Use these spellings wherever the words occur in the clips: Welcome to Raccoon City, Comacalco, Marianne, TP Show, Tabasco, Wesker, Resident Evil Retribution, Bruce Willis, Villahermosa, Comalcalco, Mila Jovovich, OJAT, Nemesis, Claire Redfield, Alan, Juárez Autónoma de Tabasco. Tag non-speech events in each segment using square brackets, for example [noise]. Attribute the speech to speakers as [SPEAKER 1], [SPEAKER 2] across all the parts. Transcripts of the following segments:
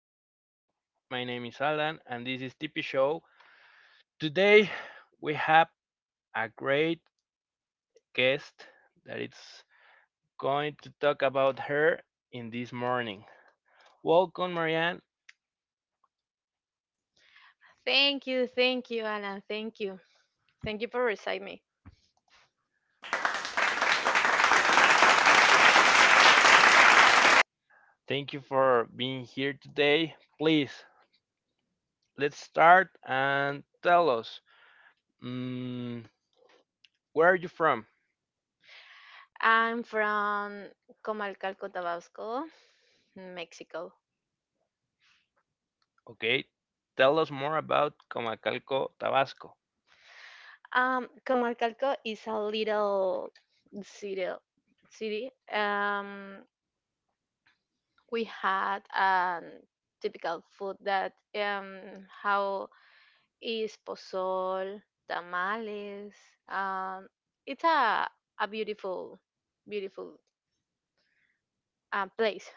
[SPEAKER 1] show. My name is Alan and this is TP Show. Today we have a great guest that is going to talk about her in this morning. Welcome, Marianne.
[SPEAKER 2] Thank you, Alan. Thank you. Thank you for reciting me.
[SPEAKER 1] Thank you for being here today. Please, let's start and tell us mm, where are you from?
[SPEAKER 2] I'm from Comalcalco, Tabasco, Mexico.
[SPEAKER 1] Okay. Tell us more about Comacalco, Tabasco.
[SPEAKER 2] Comalcalco is a little city. City. We had a typical food that um how is pozol, tamales. Um, it's a beautiful, beautiful place.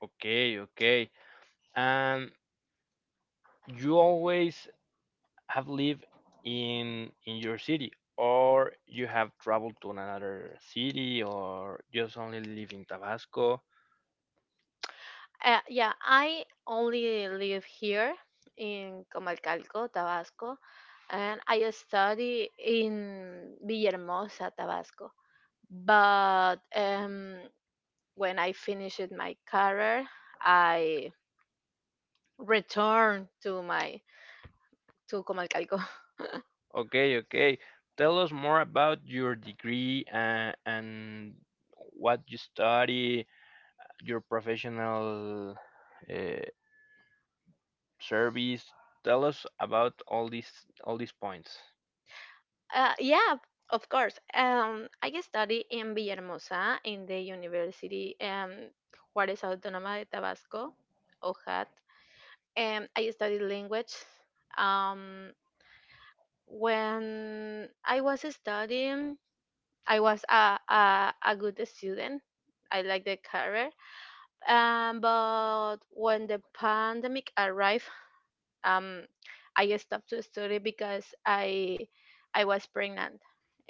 [SPEAKER 1] Okay, okay. And you always have lived in your city or you have traveled to another city or just only live in Tabasco.
[SPEAKER 2] Yeah, I only live here in Comalcalco, Tabasco, and I study in Villahermosa, Tabasco. But when I finished my career, I returned to Comalcalco. [laughs]
[SPEAKER 1] Okay, okay. Tell us more about your degree and what you study, your professional uh, service. Tell us about all these points.
[SPEAKER 2] Yeah, of course. I study in Villahermosa in the University Juárez Autónoma de Tabasco, OJAT, and I studied language. Um, when I was studying, I was a good student. I like the career. But when the pandemic arrived, um, I stopped to study because I was pregnant,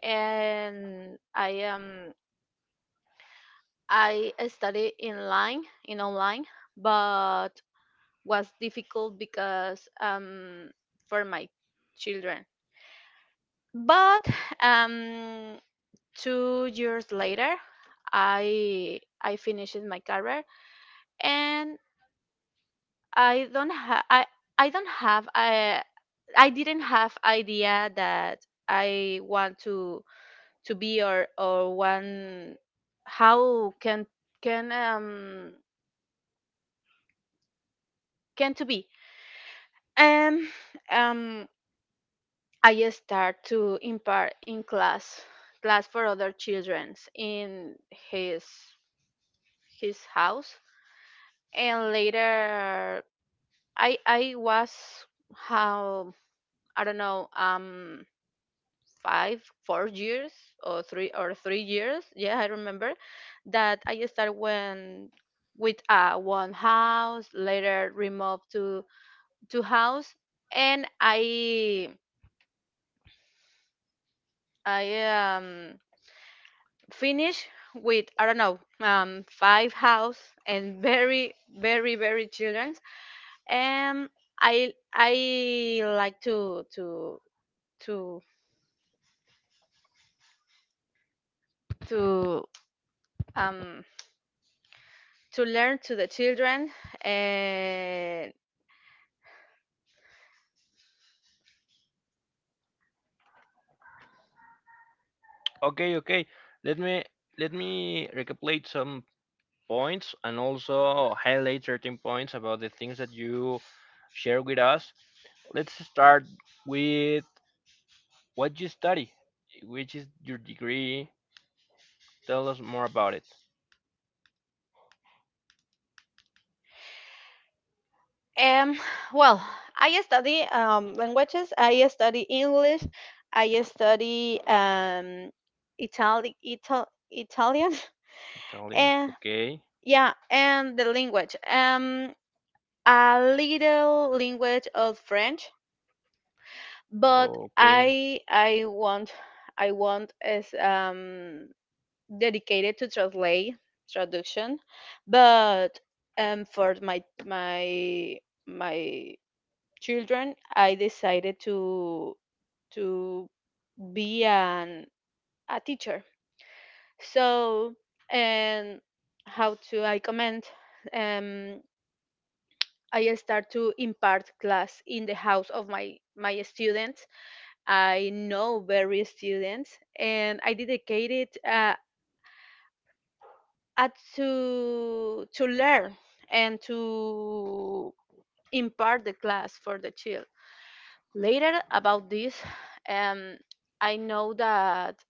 [SPEAKER 2] and I I studied in online, but was difficult because for my children, but um 2 years later, I finished my career, and i don't have i i don't have i I didn't have idea that I want to be or one how can um can to be. um um I start to impart in class class for other children in his his house, and later I was how, I don't know, 5 4 years or three years, yeah, I remember that I started when with one house, later removed to two house, and I finished with, I don't know, five house, and very children. Um, I like to to um to learn to the children, eh,
[SPEAKER 1] Okay, okay. Let me let me recapitulate some points and also highlight certain points about the things that you share with us. Let's start with what you study, which is your degree. Tell us more about it.
[SPEAKER 2] and well, I study languages. I study English, I study Italian. [laughs]
[SPEAKER 1] Italian.
[SPEAKER 2] And
[SPEAKER 1] Okay.
[SPEAKER 2] yeah, and the language, a little language of French, but
[SPEAKER 1] Okay.
[SPEAKER 2] I want, I want, is dedicated to translate traduction, but for my my children, I decided to be an a teacher. So, and how to I comment, um I start to impart class in the house of my students. I know various students, and I dedicated at to learn and to impart the class for the child. Later about this, um, I know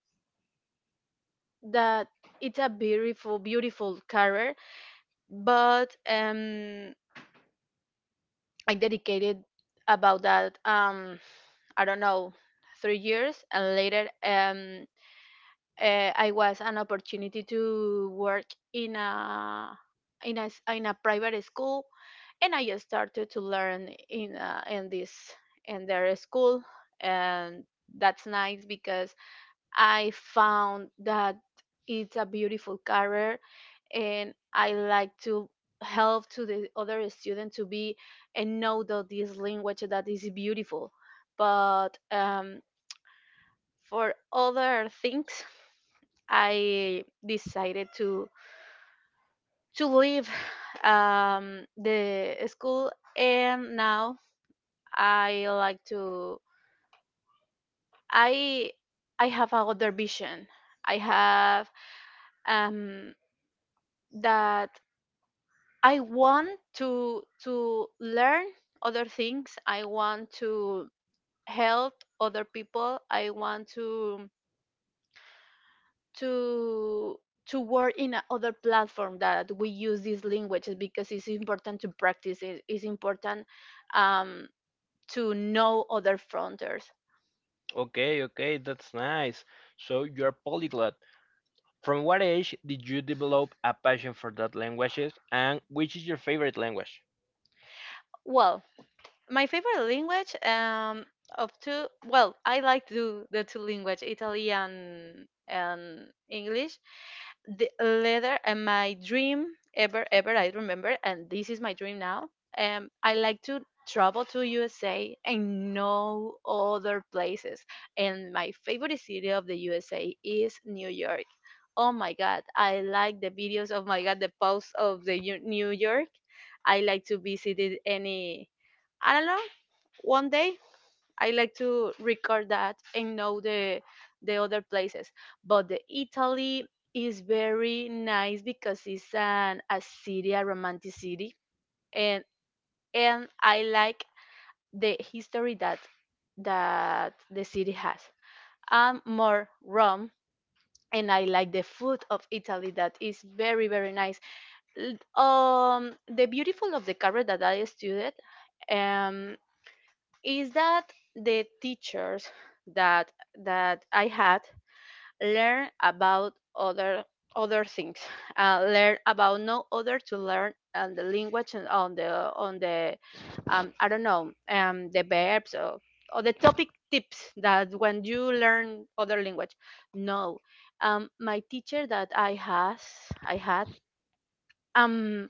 [SPEAKER 2] that it's a beautiful, beautiful career, but I dedicated about that, I don't know, 3 years, and later, I was an opportunity to work in a in in a private school, and I just started to learn in this in their school, and that's nice because I found that it's a beautiful career, and I like to help to the other student to be and know that this language that is beautiful, but for other things I decided to leave [sighs] the school, and now I like to I I have a other vision. I have, um, that I want to learn other things. I want to help other people. I want to to to work in a other platform that we use these languages because it's important to practice it. It's important, um, to know other frontiers.
[SPEAKER 1] Okay. Okay. That's nice. So you're polyglot. From what age did you develop a passion for that languages and which is your favorite language?
[SPEAKER 2] Well, my favorite language, of two, well, I like to the two language, Italian and English, the leather, and my dream, ever, I remember, and this is my dream now. I like to travel to USA and no other places, and my favorite city of the USA is New York. Oh my god, I like the videos, of my god, the posts of the New York. I like to visit it any, I don't know, one day. I like to record that and know the other places. But the Italy is very nice because it's an a city, a romantic city, and and I like the history that that the city has. I'm more Rome, and I like the food of Italy that is very nice. The beautiful of the career that I studied. Um, is that the teachers that that I had learn about other other things, learn about no other to learn and the language, and on the I don't know, the verbs, or the topic tips that when you learn other language. No, my teacher that I has, I had, um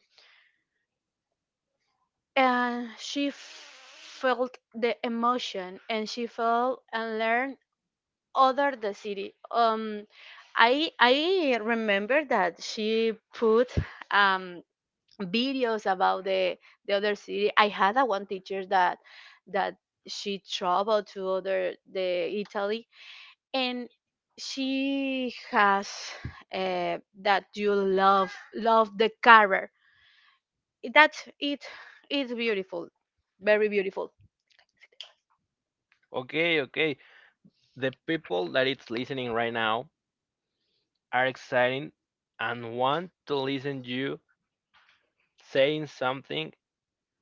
[SPEAKER 2] and she felt the emotion, and she felt and learned other the city. I remember that she put um videos about the other city. I had a one teacher that she traveled to other the Italy, and she has that you love the color. That's it. It's beautiful, very beautiful.
[SPEAKER 1] Okay, okay. The people that it's listening right now are exciting and want to listen you saying something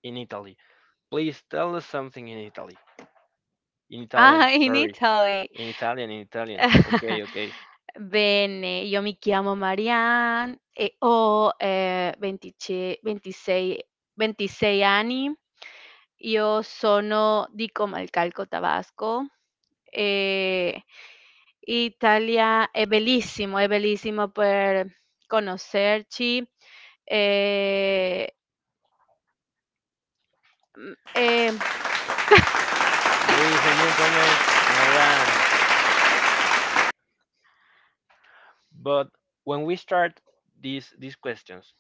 [SPEAKER 1] in Italy. Please tell us something in Italy. In Italian,
[SPEAKER 2] Ah, [laughs] in
[SPEAKER 1] sorry.
[SPEAKER 2] Italy.
[SPEAKER 1] In Italian, in Italian.
[SPEAKER 2] [laughs]
[SPEAKER 1] Okay, okay.
[SPEAKER 2] Bene, io mi chiamo Marianne e ho, 25 26 26 anni. Io sono di Comalcalco, Tabasco. Ehm, Italia è bellissimo per conoscerci. Ehm, mhmm, ehm [laughs]
[SPEAKER 1] Ladies and gentlemen, Marianne. But when we start these questions,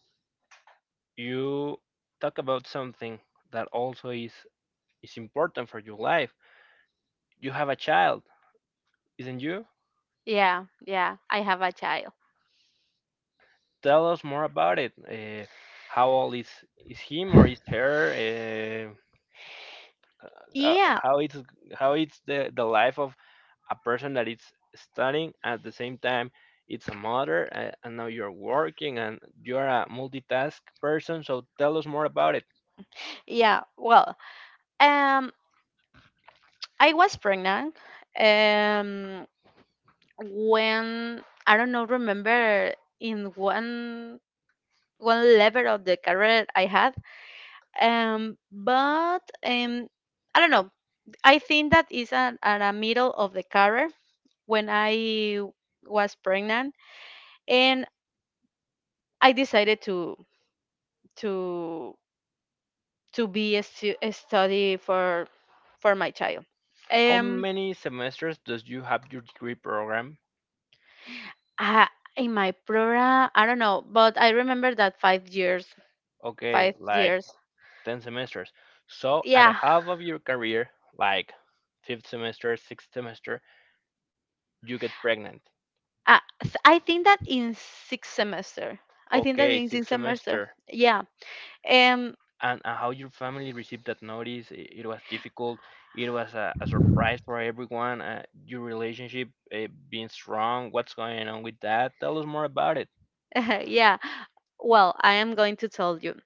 [SPEAKER 1] you talk about something that also is important for your life. You have a child, isn't you?
[SPEAKER 2] Yeah, yeah, I have a child.
[SPEAKER 1] Tell us more about it. How old is him or is her? Uh,
[SPEAKER 2] Yeah,
[SPEAKER 1] how it's how it's the life of a person that is studying at the same time it's a mother and now you're working and you're a multitask person, so tell us more about it.
[SPEAKER 2] yeah, well, um I was pregnant. Um, when, I don't know, remember, in one level of the career I had. But I don't know. I think that is at a middle of the career when I was pregnant, and I decided to to be a study for my child.
[SPEAKER 1] How
[SPEAKER 2] Um,
[SPEAKER 1] many semesters does you have your degree program?
[SPEAKER 2] I, in my program, I don't know, but I remember that 5 years,
[SPEAKER 1] Okay,
[SPEAKER 2] five
[SPEAKER 1] like
[SPEAKER 2] years.
[SPEAKER 1] 10 semesters. So at the
[SPEAKER 2] Yeah,
[SPEAKER 1] half of your career, like fifth semester, sixth semester, you get pregnant.
[SPEAKER 2] I think that in 6th semester. I think that
[SPEAKER 1] Okay,
[SPEAKER 2] in
[SPEAKER 1] sixth
[SPEAKER 2] sixth semester.
[SPEAKER 1] semester.
[SPEAKER 2] Yeah. Um.
[SPEAKER 1] And how your family received that notice? It was difficult. It was a surprise for everyone. Your relationship being strong, what's going on with that? Tell us more about it.
[SPEAKER 2] [laughs] Yeah. Well, I am going to tell you.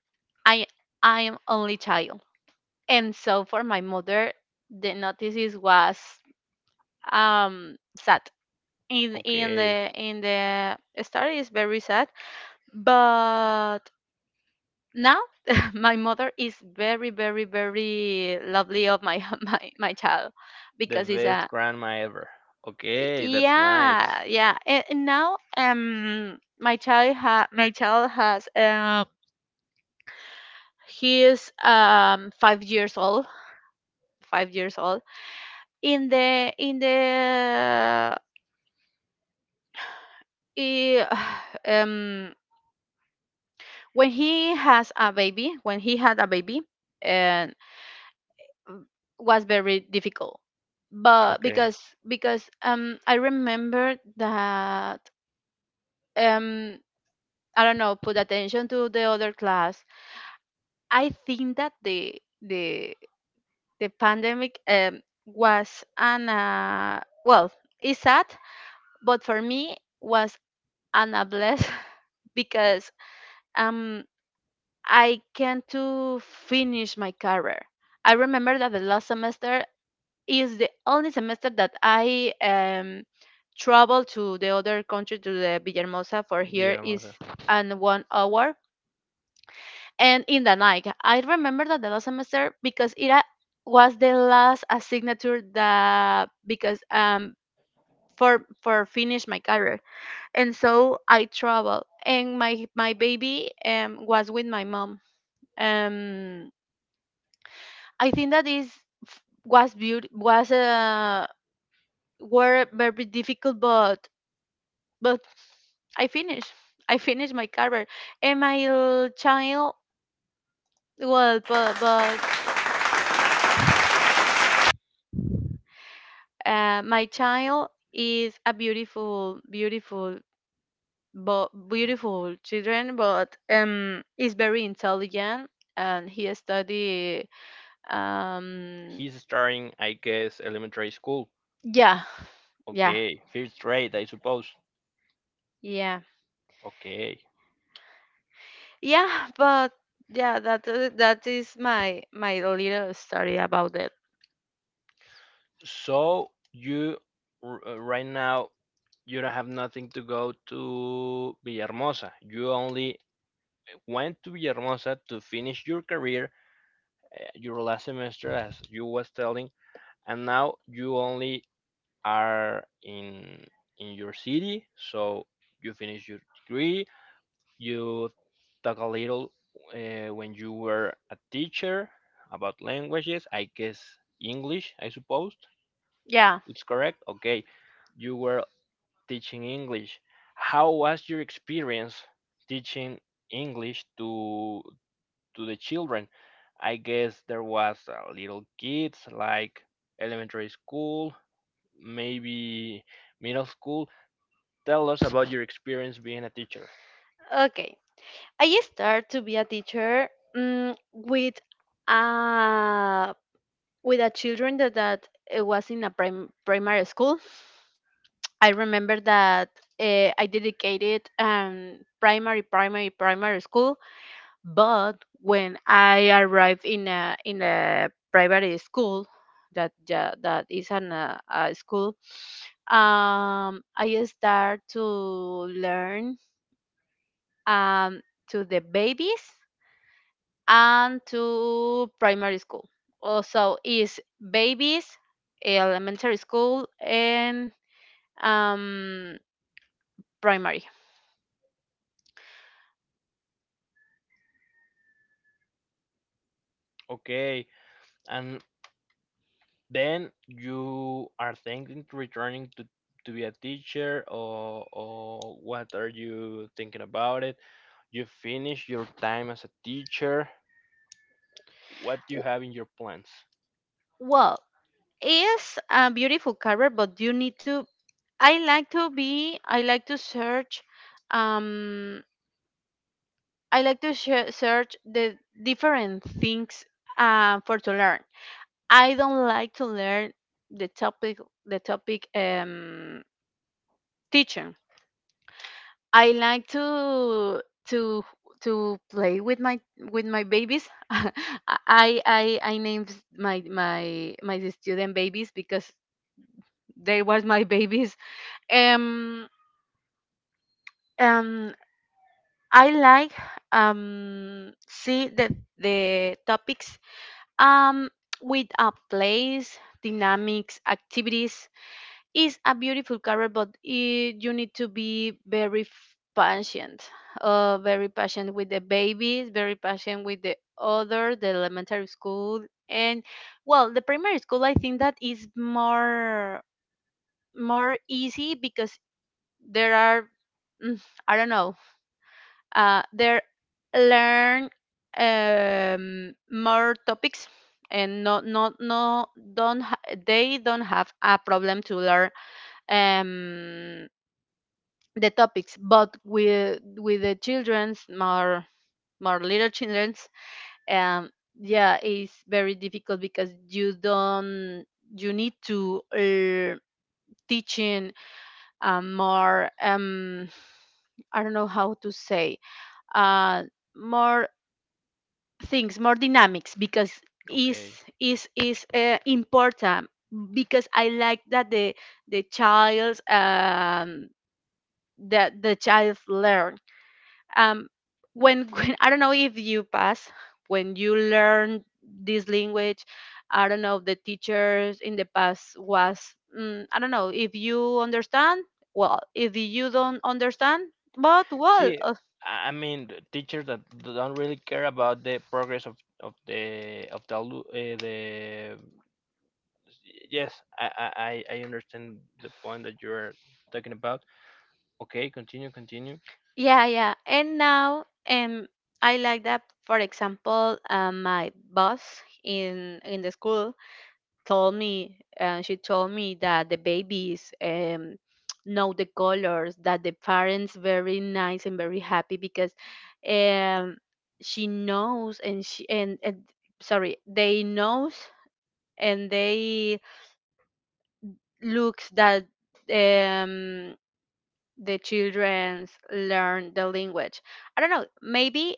[SPEAKER 2] I I am only child, and so for my mother, the notices was sad. In
[SPEAKER 1] Okay,
[SPEAKER 2] the story is very sad, but now [laughs] my mother is very lovely of my [laughs] my child
[SPEAKER 1] the
[SPEAKER 2] because it's
[SPEAKER 1] best
[SPEAKER 2] a,
[SPEAKER 1] grandma ever. Okay, that's
[SPEAKER 2] yeah,
[SPEAKER 1] nice.
[SPEAKER 2] yeah. And now, my child has he is 5 years old, 5 years old. In the eh, [sighs] um when he has a baby, when he had a baby, and was very difficult. But
[SPEAKER 1] Okay,
[SPEAKER 2] because I remember that um I don't know put attention to the other class. I think that the the pandemic, was an well, it's sad, but for me was an a bless [laughs] because um I can to finish my career. I remember that the last semester is the only semester that I traveled to the other country to the Villahermosa, for here
[SPEAKER 1] bien
[SPEAKER 2] is
[SPEAKER 1] hermosa.
[SPEAKER 2] an 1 hour and in the night. I remember that the last semester because it was the last signature that because for finish my career, and so I traveled, and my baby was with my mom. Um, I think that was beauty, was were very difficult, but I finished. I finished my career, and child, well, but, my child is a beautiful, beautiful, but beautiful children, but is very intelligent, and he study. Um,
[SPEAKER 1] He's starting, I guess, elementary school.
[SPEAKER 2] yeah, yeah,
[SPEAKER 1] Okay, first grade, I suppose.
[SPEAKER 2] yeah,
[SPEAKER 1] Okay.
[SPEAKER 2] yeah. But yeah, that that is my my little story about it.
[SPEAKER 1] So you right now you don't have nothing to go to Villahermosa. You only went to Villahermosa to finish your career, your last semester, as you was telling, and now you only are in your city. So you finish your degree. You talk a little when you were a teacher about languages. I guess English. I suppose
[SPEAKER 2] Yeah.
[SPEAKER 1] it's correct. Okay, you were teaching English. How was your experience teaching English to the children? I guess there was little kids like elementary school, maybe middle school. Tell us about your experience being a teacher.
[SPEAKER 2] Okay, I start to be a teacher, mm, with uh with a children that that was in primary school. I remember that I dedicated, primary school. But when I arrived in a private school, that is an a school, I start to learn, um, to the babies and to primary school. Also, is babies, elementary school, and um, primary.
[SPEAKER 1] Okay, and then you are thinking to returning to be a teacher or what are you thinking about it? You finish your time as a teacher. What you have in your plans.
[SPEAKER 2] Well, it's a beautiful career, but you need to. I like to be. I like to search. Um, I like to search the different things for to learn. I don't like to learn the topic. The topic, teaching. I like to to play with my babies. [laughs] I named my my student babies because they was my [laughs] babies. Um, um, I like see the topics um with a place dynamics activities. Is a beautiful career, but it, you need to be patient, very patient with the babies, very patient with the other, the elementary school, and well, the primary school. I think that is more more easy because there are. mm, I don't know, there learn, more topics, and no don't they don't have a problem to learn, um, the topics, but with the children's more more little children's, um yeah, it's very difficult because you don't, you need to teaching more I don't know how to say, uh more things more dynamics, because is
[SPEAKER 1] Okay.
[SPEAKER 2] is important because I like that the child's, that the child learn, um when, [laughs] when, I don't know if you pass, when you learn this language, I don't know the teachers in the past was, I don't know if you understand. Well, if you don't understand, but well.
[SPEAKER 1] See, I mean, the teachers that don't really care about the progress of the. Yes, I understand the point that you're talking about. Okay, continue, continue.
[SPEAKER 2] Yeah, yeah. And now, I like that. For example, my boss in the school told me, she told me that the babies [tsk] know the colors, that the parents very nice and very happy because, um, she knows and she and sorry, they knows and they looks that um the childrens learn the language. I don't know. Maybe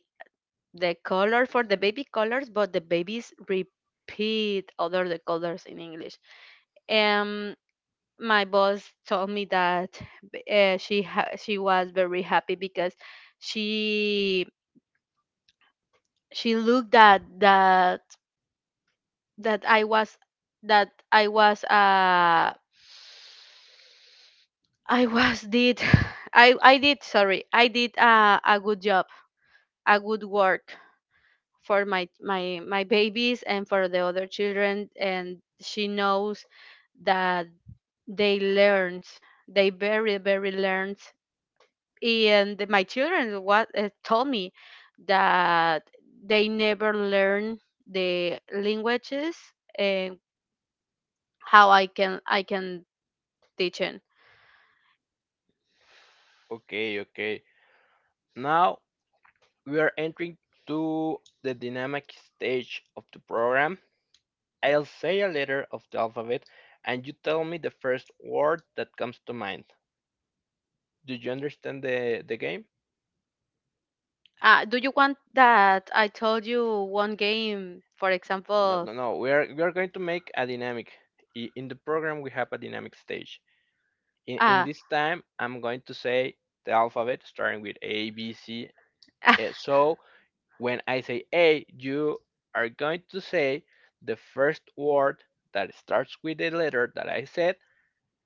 [SPEAKER 2] the color for the baby colors, but the babies repeat other the colors in English. Um, my boss told me that she was very happy because she she looked at that that I was that I was uh I was did [sighs] I did sorry I did a good job, a good work for my babies and for the other children, and she knows that they learned, they very very learned. And my children what told me that they never learn the languages, and how I can teach it.
[SPEAKER 1] Okay, okay. Now we are entering to the dynamic stage of the program. I'll say a letter of the alphabet, and you tell me the first word that comes to mind. Do you understand the game?
[SPEAKER 2] Uh, do you want that I told you one game, for
[SPEAKER 1] No,
[SPEAKER 2] example?
[SPEAKER 1] no, no. We are going to make a dynamic. In the program, we have a dynamic stage. In
[SPEAKER 2] uh,
[SPEAKER 1] this time, I'm going to say the alphabet starting with A, B, C.
[SPEAKER 2] [laughs]
[SPEAKER 1] So when I say A, you are going to say the first word that starts with the letter that I said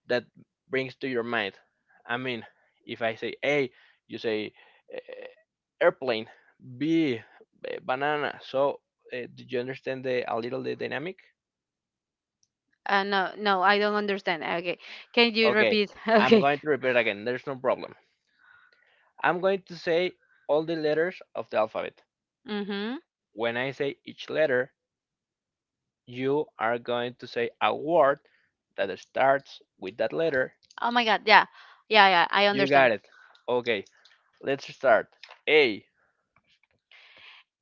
[SPEAKER 1] that brings to your mind. I mean, if I say A, you say eh, airplane, B, banana. So did you understand the a little the dynamic?
[SPEAKER 2] No, no, I don't understand. Okay, can you
[SPEAKER 1] Okay,
[SPEAKER 2] repeat? [laughs]
[SPEAKER 1] I'm
[SPEAKER 2] Okay.
[SPEAKER 1] going to repeat again. There's no problem. I'm going to say all the letters of the alphabet.
[SPEAKER 2] Mm-hmm.
[SPEAKER 1] When I say each letter, you are going to say a word that starts with that letter.
[SPEAKER 2] Oh my God. Yeah, yeah. I
[SPEAKER 1] You
[SPEAKER 2] understand.
[SPEAKER 1] got it. Okay, let's start. A,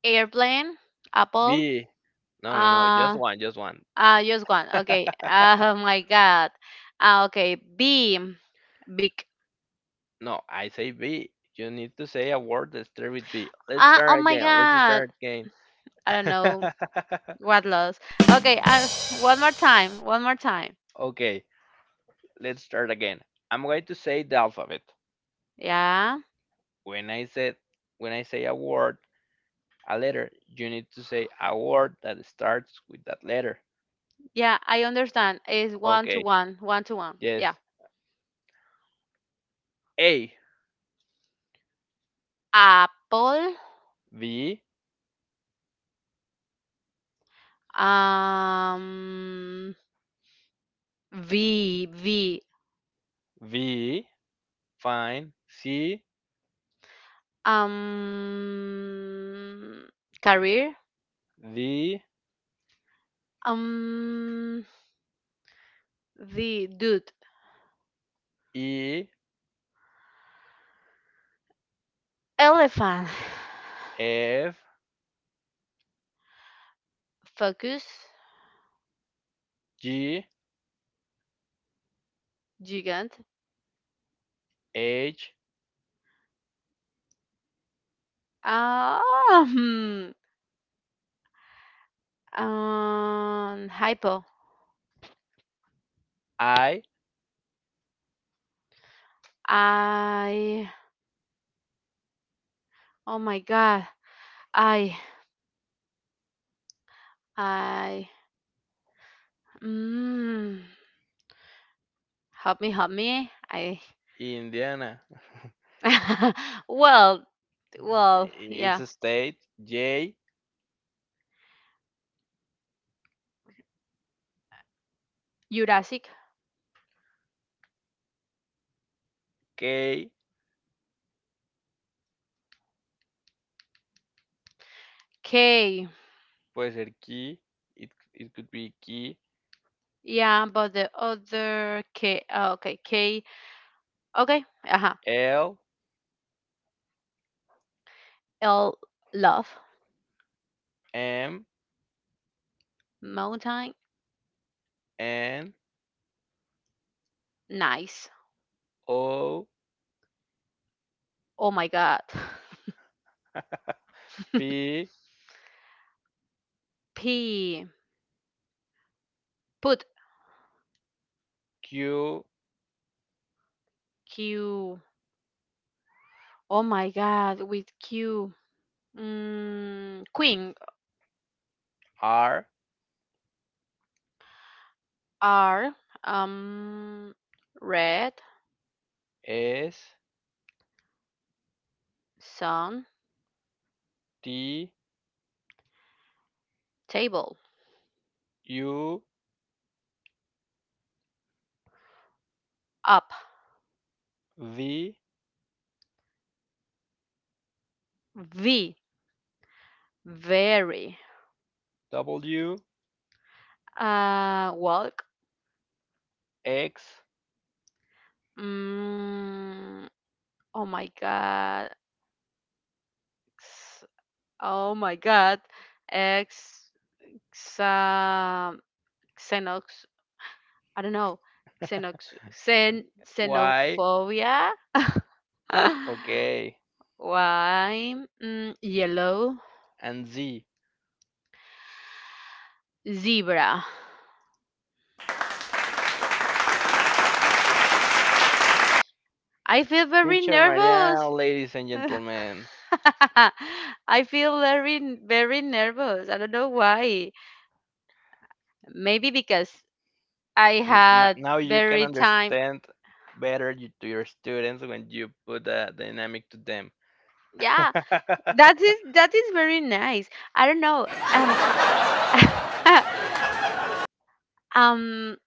[SPEAKER 2] Airplane, Apple.
[SPEAKER 1] B. No, no, no, just
[SPEAKER 2] Uh,
[SPEAKER 1] one, just one.
[SPEAKER 2] just one. Okay. Oh my God. Okay. Beam, big.
[SPEAKER 1] No, I say B. You need to say a word that starts with B. Let's
[SPEAKER 2] Ah, oh
[SPEAKER 1] start
[SPEAKER 2] my
[SPEAKER 1] again. Let's
[SPEAKER 2] God.
[SPEAKER 1] start again.
[SPEAKER 2] I don't know
[SPEAKER 1] [laughs]
[SPEAKER 2] what loss. Okay. One more time. One more time.
[SPEAKER 1] Okay, let's start again. I'm going to say the alphabet.
[SPEAKER 2] Yeah,
[SPEAKER 1] When I said when I say a word, a letter, you need to say a word that starts with that letter.
[SPEAKER 2] yeah. I understand. It's one to
[SPEAKER 1] Okay.
[SPEAKER 2] one. One to one.
[SPEAKER 1] Yes.
[SPEAKER 2] Yeah.
[SPEAKER 1] A
[SPEAKER 2] Apple.
[SPEAKER 1] V
[SPEAKER 2] Um. V V
[SPEAKER 1] V fine C
[SPEAKER 2] um career.
[SPEAKER 1] D
[SPEAKER 2] um the dude.
[SPEAKER 1] E
[SPEAKER 2] Elephant.
[SPEAKER 1] F
[SPEAKER 2] [sighs] Focus.
[SPEAKER 1] G
[SPEAKER 2] Gigant.
[SPEAKER 1] H
[SPEAKER 2] um hypo.
[SPEAKER 1] I
[SPEAKER 2] I. Oh my god. I I mm, help me, I.
[SPEAKER 1] Indiana.
[SPEAKER 2] [laughs] Well, well,
[SPEAKER 1] It's
[SPEAKER 2] yeah.
[SPEAKER 1] a state. J
[SPEAKER 2] Jurassic.
[SPEAKER 1] K
[SPEAKER 2] K.
[SPEAKER 1] puede ser key. It could be key.
[SPEAKER 2] Yeah, but the other K, okay, K, okay, uh-huh.
[SPEAKER 1] L
[SPEAKER 2] L, love,
[SPEAKER 1] M
[SPEAKER 2] mountain,
[SPEAKER 1] N
[SPEAKER 2] nice.
[SPEAKER 1] O
[SPEAKER 2] Oh my God. [laughs]
[SPEAKER 1] P
[SPEAKER 2] P, put,
[SPEAKER 1] Q
[SPEAKER 2] Q, oh my God, with Q. Mm, queen,
[SPEAKER 1] R
[SPEAKER 2] R, um, red,
[SPEAKER 1] S
[SPEAKER 2] sun,
[SPEAKER 1] T
[SPEAKER 2] table,
[SPEAKER 1] U
[SPEAKER 2] up.
[SPEAKER 1] V
[SPEAKER 2] V, very.
[SPEAKER 1] W
[SPEAKER 2] Walk,
[SPEAKER 1] X
[SPEAKER 2] mm, oh my God. Oh my god. Ex, xa, xenox, I don't know. Xenox, xen,
[SPEAKER 1] Y,
[SPEAKER 2] xenophobia. [laughs]
[SPEAKER 1] okay,
[SPEAKER 2] Why? Mm, yellow,
[SPEAKER 1] and Z.
[SPEAKER 2] zebra. I feel very
[SPEAKER 1] Teacher Maria,
[SPEAKER 2] nervous.
[SPEAKER 1] ladies and
[SPEAKER 2] [laughs]
[SPEAKER 1] gentlemen,
[SPEAKER 2] I feel very very nervous. I don't know why. Maybe because I had
[SPEAKER 1] now you can
[SPEAKER 2] very time.
[SPEAKER 1] understand better you, to your students when you put a dynamic to them.
[SPEAKER 2] Yeah,
[SPEAKER 1] [laughs]
[SPEAKER 2] that is very nice. I don't know. [laughs] Um,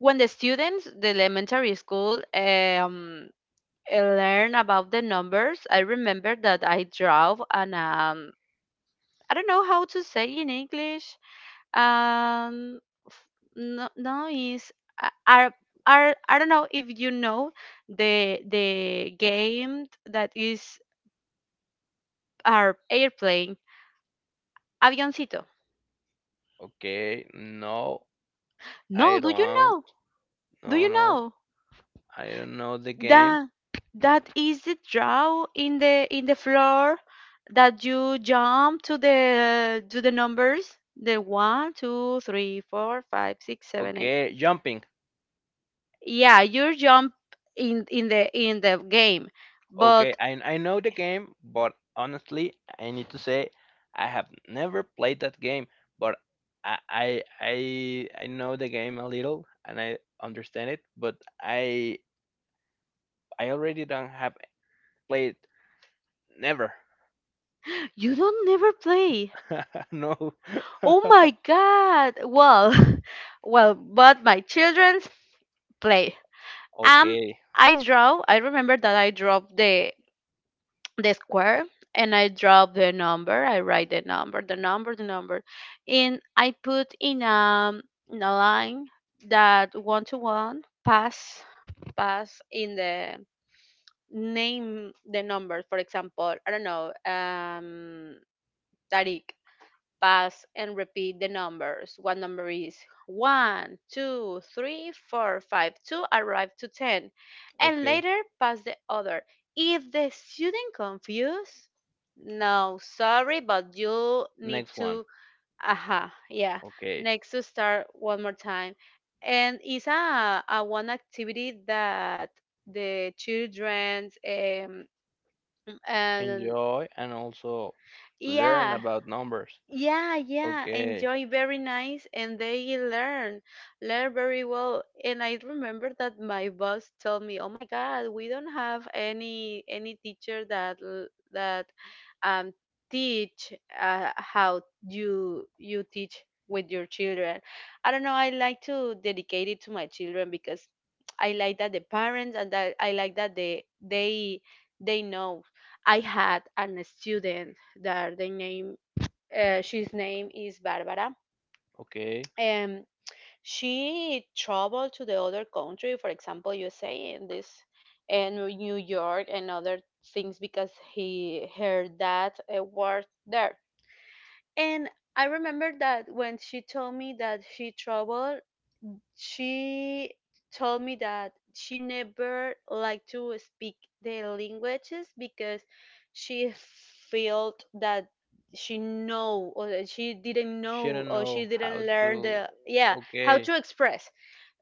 [SPEAKER 2] when the students, the elementary school, eh, learn about the numbers, I remember that I drove an I don't know how to say in English. Um, f- no, no, is are are, I don't know if you know the game that is our airplane, avioncito.
[SPEAKER 1] Okay, no, I
[SPEAKER 2] No, do you
[SPEAKER 1] don't.
[SPEAKER 2] know? Do
[SPEAKER 1] No,
[SPEAKER 2] you
[SPEAKER 1] no,
[SPEAKER 2] know?
[SPEAKER 1] I don't know the game.
[SPEAKER 2] That that is the draw in the floor, that you jump to the numbers, the 1, 2, 3, 4, 5, 6, 7, 8.
[SPEAKER 1] Okay, jumping.
[SPEAKER 2] Yeah, you jump in the game.
[SPEAKER 1] Okay,
[SPEAKER 2] But
[SPEAKER 1] I know the game, but honestly, I need to say I have never played that game, but I know the game a little and I understand it, but I I already don't have played never.
[SPEAKER 2] [gasps] you don't never play?
[SPEAKER 1] [laughs] No.
[SPEAKER 2] Oh
[SPEAKER 1] [laughs]
[SPEAKER 2] my god. Well, [laughs] well, but my children play. um
[SPEAKER 1] Okay.
[SPEAKER 2] I remember that I draw the square, and I draw the number. I write the number, the number, the number, and I put in a, in a line, that one to one pass, pass in the name the number. For example, I don't know, Tariq. Pause and repeat the numbers. What number is one, two, three, four, five, to arrive to 10, and
[SPEAKER 1] Okay.
[SPEAKER 2] later pass the other. If the student confused, no, sorry, but you need
[SPEAKER 1] Next one.
[SPEAKER 2] to, aha, yeah.
[SPEAKER 1] Okay.
[SPEAKER 2] Next, to start one more time. And it's a one activity that the children, and
[SPEAKER 1] Enjoy and also learn
[SPEAKER 2] yeah,
[SPEAKER 1] about numbers.
[SPEAKER 2] yeah
[SPEAKER 1] Okay.
[SPEAKER 2] enjoy, very nice, and they learn, learn very well. And I remember that my boss told me, oh my god, we don't have any teacher that l- that um teach, how you you teach with your children. I don't know, I like to dedicate it to my children because I like that the parents, and that I like that they they know. I had an student that the name, she's name is Barbara.
[SPEAKER 1] Okay.
[SPEAKER 2] And she traveled to the other country, for example, USA, and this and New York and other things, because he her dad worked there. And I remember that when she told me that she traveled, she told me that she never liked to speak the languages because she felt that she know, or that she didn't know,
[SPEAKER 1] Shouldn't
[SPEAKER 2] or she
[SPEAKER 1] know how
[SPEAKER 2] didn't learn
[SPEAKER 1] to.
[SPEAKER 2] the, yeah, how
[SPEAKER 1] Okay.
[SPEAKER 2] to express.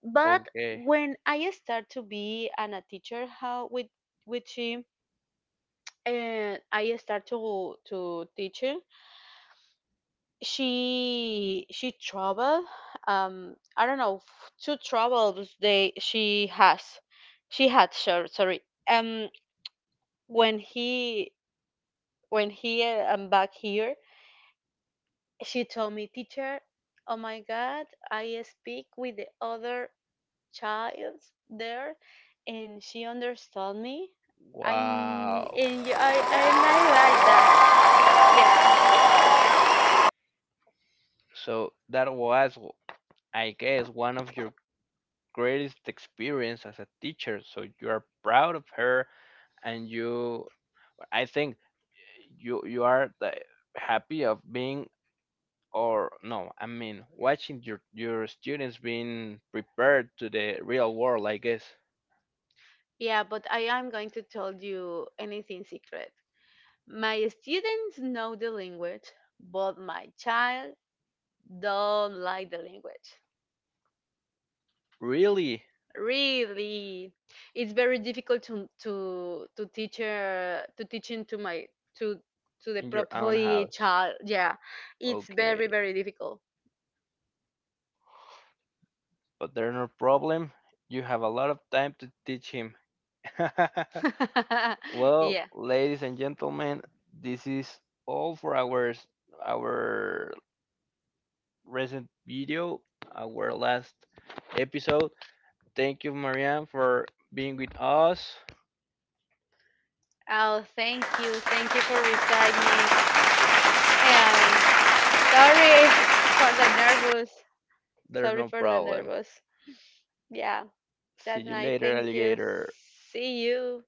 [SPEAKER 2] But
[SPEAKER 1] Okay.
[SPEAKER 2] when I start to be an a teacher, how with she, and I start to teach her, she traveled, I don't know, two travels they she has, she had sure, sorry, um when he, when he back here, she told me, teacher, oh my god, I speak with the other child there, and she understood me. I n-
[SPEAKER 1] Wow.
[SPEAKER 2] and y- I am not like that. Yeah,
[SPEAKER 1] So that was, I guess, one of your greatest experience as a teacher. So you are proud of her, and you, I think, you are happy of being, or no, I mean, watching your students being prepared to the real world. I guess
[SPEAKER 2] yeah. But I am going to tell you anything secret. My students know the language, but my child don't like the language.
[SPEAKER 1] really
[SPEAKER 2] Really, it's very difficult to to teach her, to teaching to my to to the
[SPEAKER 1] in your own
[SPEAKER 2] properly
[SPEAKER 1] house.
[SPEAKER 2] child. Yeah, it's very
[SPEAKER 1] Okay,
[SPEAKER 2] very difficult.
[SPEAKER 1] but there's no problem. You have a lot of time to teach him. [laughs]
[SPEAKER 2] [laughs]
[SPEAKER 1] Well,
[SPEAKER 2] Yeah.
[SPEAKER 1] ladies and gentlemen, this is all for our our recent video, our last episode. Thank you, Marianne, for being with us.
[SPEAKER 2] Oh, thank you for reciting me. Um, sorry [laughs] for the nervous.
[SPEAKER 1] There's
[SPEAKER 2] Sorry
[SPEAKER 1] no
[SPEAKER 2] for the
[SPEAKER 1] problem.
[SPEAKER 2] nervous. Yeah.
[SPEAKER 1] See
[SPEAKER 2] That
[SPEAKER 1] you
[SPEAKER 2] night,
[SPEAKER 1] later,
[SPEAKER 2] thank you.
[SPEAKER 1] alligator.
[SPEAKER 2] See you.